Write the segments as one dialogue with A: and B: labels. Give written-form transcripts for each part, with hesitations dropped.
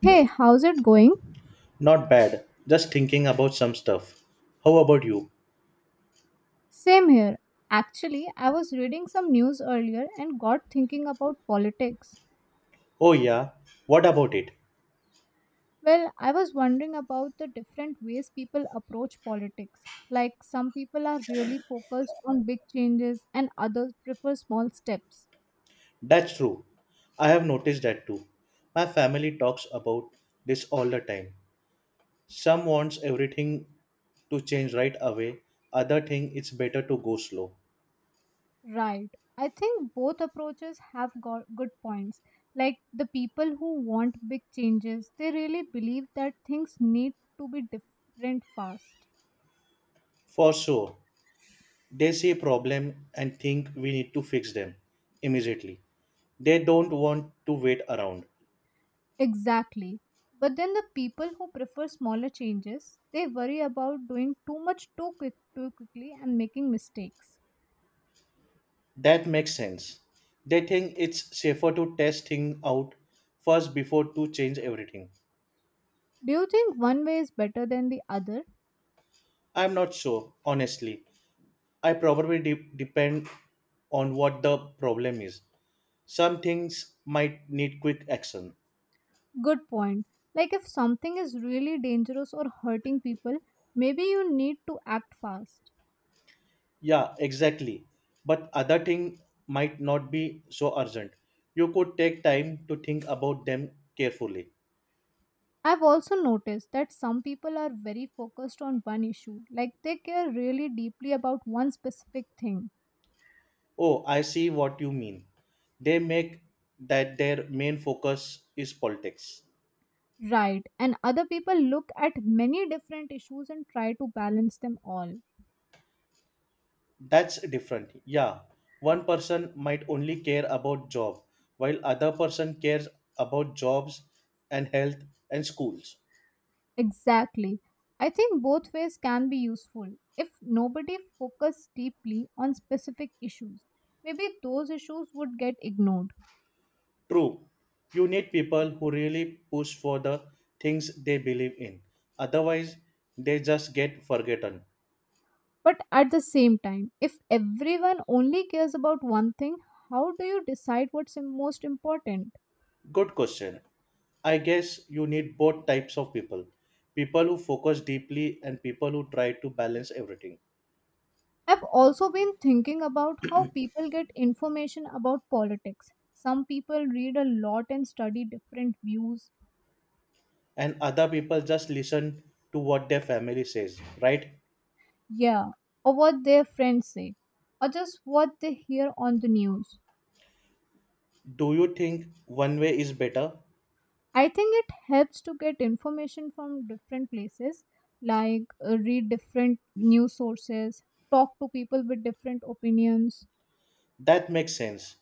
A: Hey, how's it going?
B: Not bad. Just thinking about some stuff. How about you?
A: Same here. Actually, I was reading some news earlier and got thinking about politics.
B: Oh, yeah. What about it?
A: Well, I was wondering about the different ways people approach politics. Like, some people are really focused on big changes and others prefer small steps.
B: That's true. I have noticed that too. My family talks about this all the time. Some wants everything to change right away, other think it's better to go slow.
A: Right. I think both approaches have got good points. Like, the people who want big changes, they really believe that things need to be different fast.
B: For sure, they see a problem and think we need to fix them immediately. They don't want to wait around.
A: Exactly. But then the people who prefer smaller changes, they worry about doing too much too quickly and making mistakes.
B: That makes sense. They think it's safer to test things out first before to change everything.
A: Do you think one way is better than the other?
B: I'm not sure, honestly. I probably depend on what the problem is. Some things might need quick action.
A: Good point. Like if something is really dangerous or hurting people, maybe you need to act fast.
B: Yeah, exactly. But other thing might not be so urgent. You could take time to think about them carefully.
A: I've also noticed that some people are very focused on one issue, like they care really deeply about one specific thing.
B: Oh, I see what you mean. They make that their main focus is politics.
A: Right, and other people look at many different issues and try to balance them all.
B: That's different, yeah, one person might only care about job while other person cares about jobs and health and schools.
A: Exactly. I think both ways can be useful. If nobody focused deeply on specific issues, maybe those issues would get ignored.
B: True, you need people who really push for the things they believe in, otherwise they just get forgotten.
A: But at the same time, if everyone only cares about one thing, how do you decide most important?
B: Good question, I guess you need both types of people, people who focus deeply and people who try to balance everything.
A: I've also been thinking about how people get information about politics. Some people read a lot and study different views,
B: And other people just listen to what their family says, right?
A: yeah, or what their friends say, or just what they hear on the news.
B: Do you think one way is better?
A: I think it helps to get information from different places, like read different news sources, talk to people with different opinions,
B: That makes sense.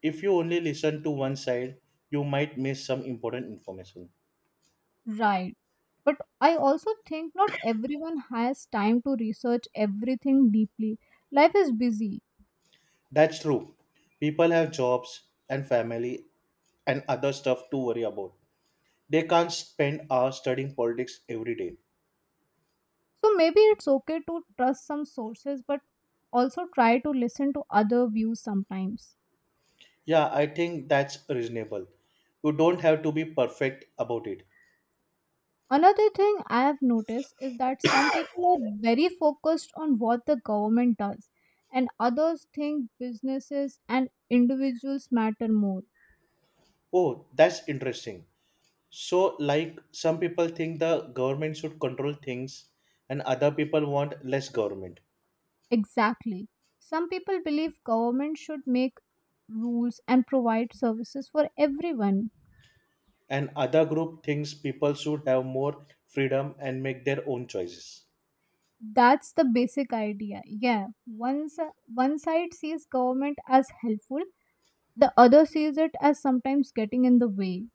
B: If you only listen to one side, you might miss some important information.
A: right? But I also think not everyone has time to research everything deeply. Life is busy.
B: That's true. People have jobs and family and other stuff to worry about. They can't spend hours studying politics every day.
A: So maybe it's okay to trust some sources, but also try to listen to other views sometimes.
B: Yeah, I think that's reasonable. You don't have to be perfect about it.
A: Another thing I have noticed is that some people are very focused on what the government does, and others think businesses and individuals matter more.
B: Oh, that's interesting. So, like some people think the government should control things and other people want less government.
A: Exactly. Some people believe government should make rules and provide services for everyone.
B: And other group thinks people should have more freedom and make their own choices.
A: That's the basic idea. Yeah, once one side sees government as helpful, the other sees it as sometimes getting in the way.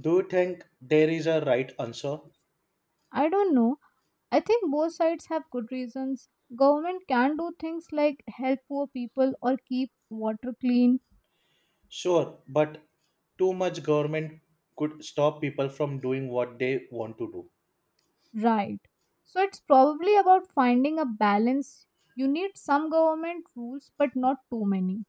B: Do you think there is a right answer?
A: I don't know. I think both sides have good reasons. Government can do things like help poor people or keep water clean,
B: Sure, but too much government could stop people from doing what they want to do.
A: right? So it's probably about finding a balance. You need some government rules, but not too many.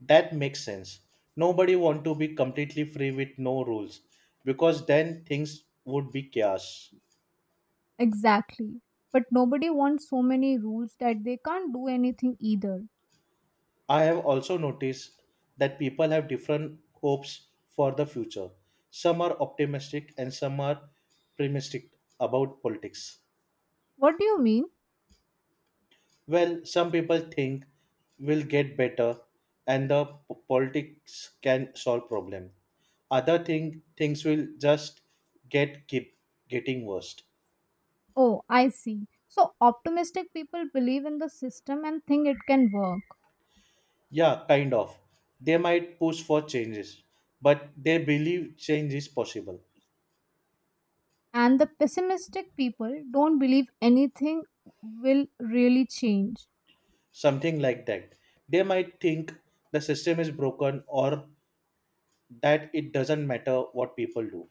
B: That makes sense. Nobody want to be completely free with no rules because then things would be chaos.
A: Exactly. But nobody wants so many rules that they can't do anything either.
B: I have also noticed that people have different hopes for the future. Some are optimistic and some are pessimistic about politics.
A: What do you mean?
B: Well, some people think will get better and the politics can solve problem. Other think things will just get keep getting worse.
A: Oh, I see. So optimistic people believe in the system and think it can work.
B: Yeah, kind of. They might push for changes, but they believe change is possible.
A: And the pessimistic people don't believe anything will really change.
B: Something like that. They might think the system is broken or that it doesn't matter what people do.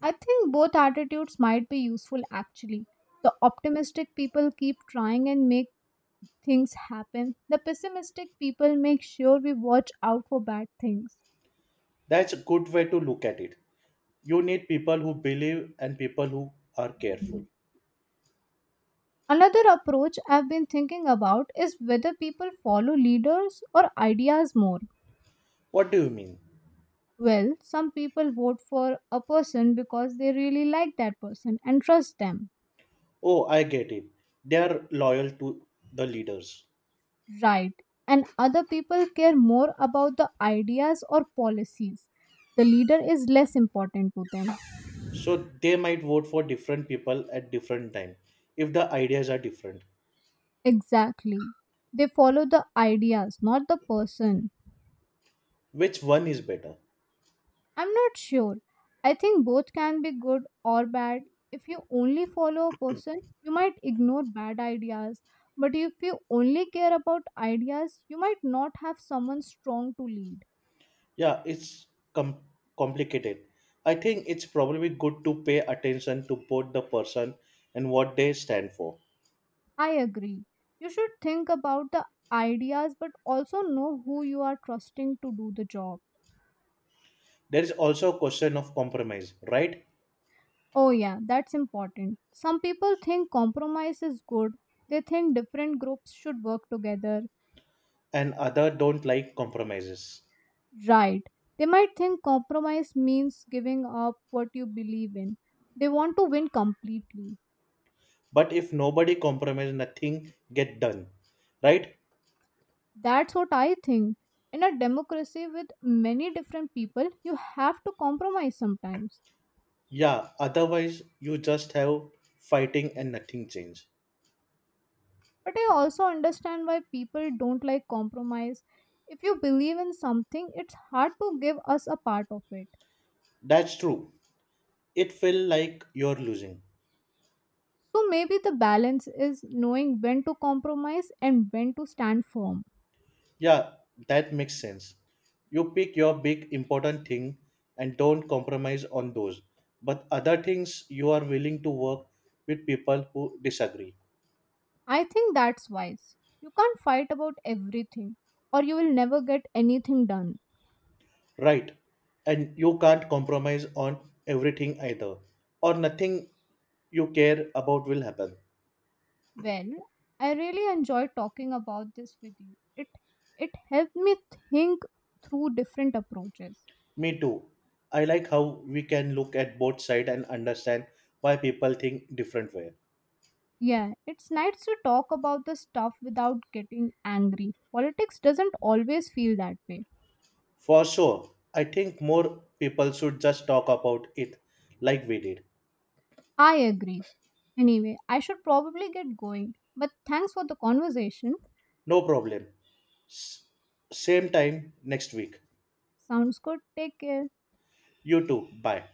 A: I think both attitudes might be useful actually. The optimistic people keep trying and make things happen, the pessimistic people make sure we watch out for bad things.
B: That's a good way to look at it. You need people who believe and people who are careful.
A: Another approach I've been thinking about is whether people follow leaders or ideas more.
B: What do you mean?
A: Well, some people vote for a person because they really like that person and trust them.
B: Oh, I get it. They are loyal to the leaders.
A: Right. And other people care more about the ideas or policies. The leader is less important to them.
B: So they might vote for different people at different time if the ideas are different.
A: Exactly. They follow the ideas, not the person.
B: Which one is better?
A: I'm not sure. I think both can be good or bad. If you only follow a person, you might ignore bad ideas. But if you only care about ideas, you might not have someone strong to lead.
B: Yeah, it's com- complicated. I think it's probably good to pay attention to both the person and what they stand for.
A: I agree. You should think about the ideas but also know who you are trusting to do the job.
B: There is also a question of compromise, right?
A: Oh, yeah, that's important. Some people think compromise is good, they think different groups should work together.
B: And other don't like compromises.
A: Right. They might think compromise means giving up what you believe in. They want to win completely.
B: But if nobody compromise, nothing get done, right?
A: That's what I think. In a democracy with many different people, you have to compromise sometimes.
B: Yeah. Otherwise, you just have fighting and nothing change.
A: But I also understand why people don't like compromise. If you believe in something, it's hard to give us a part of it.
B: That's true. It feel like you're losing.
A: So maybe the balance is knowing when to compromise and when to stand firm.
B: Yeah, that makes sense. You pick your big important thing and don't compromise on those. But other things you are willing to work with people who disagree.
A: I think that's wise. You can't fight about everything, or you will never get anything done.
B: Right. And you can't compromise on everything either. Or nothing you care about will happen.
A: Well, I really enjoyed talking about this with you. It helped me think through different approaches.
B: Me too. I like how we can look at both sides and understand why people think different way.
A: Yeah, it's nice to talk about the stuff without getting angry. Politics doesn't always feel that way.
B: For sure, I think more people should just talk about it like we did.
A: I agree. Anyway, I should probably get going. But thanks for the conversation.
B: No problem. S- Same time next week.
A: Sounds good. Take care.
B: You too. Bye.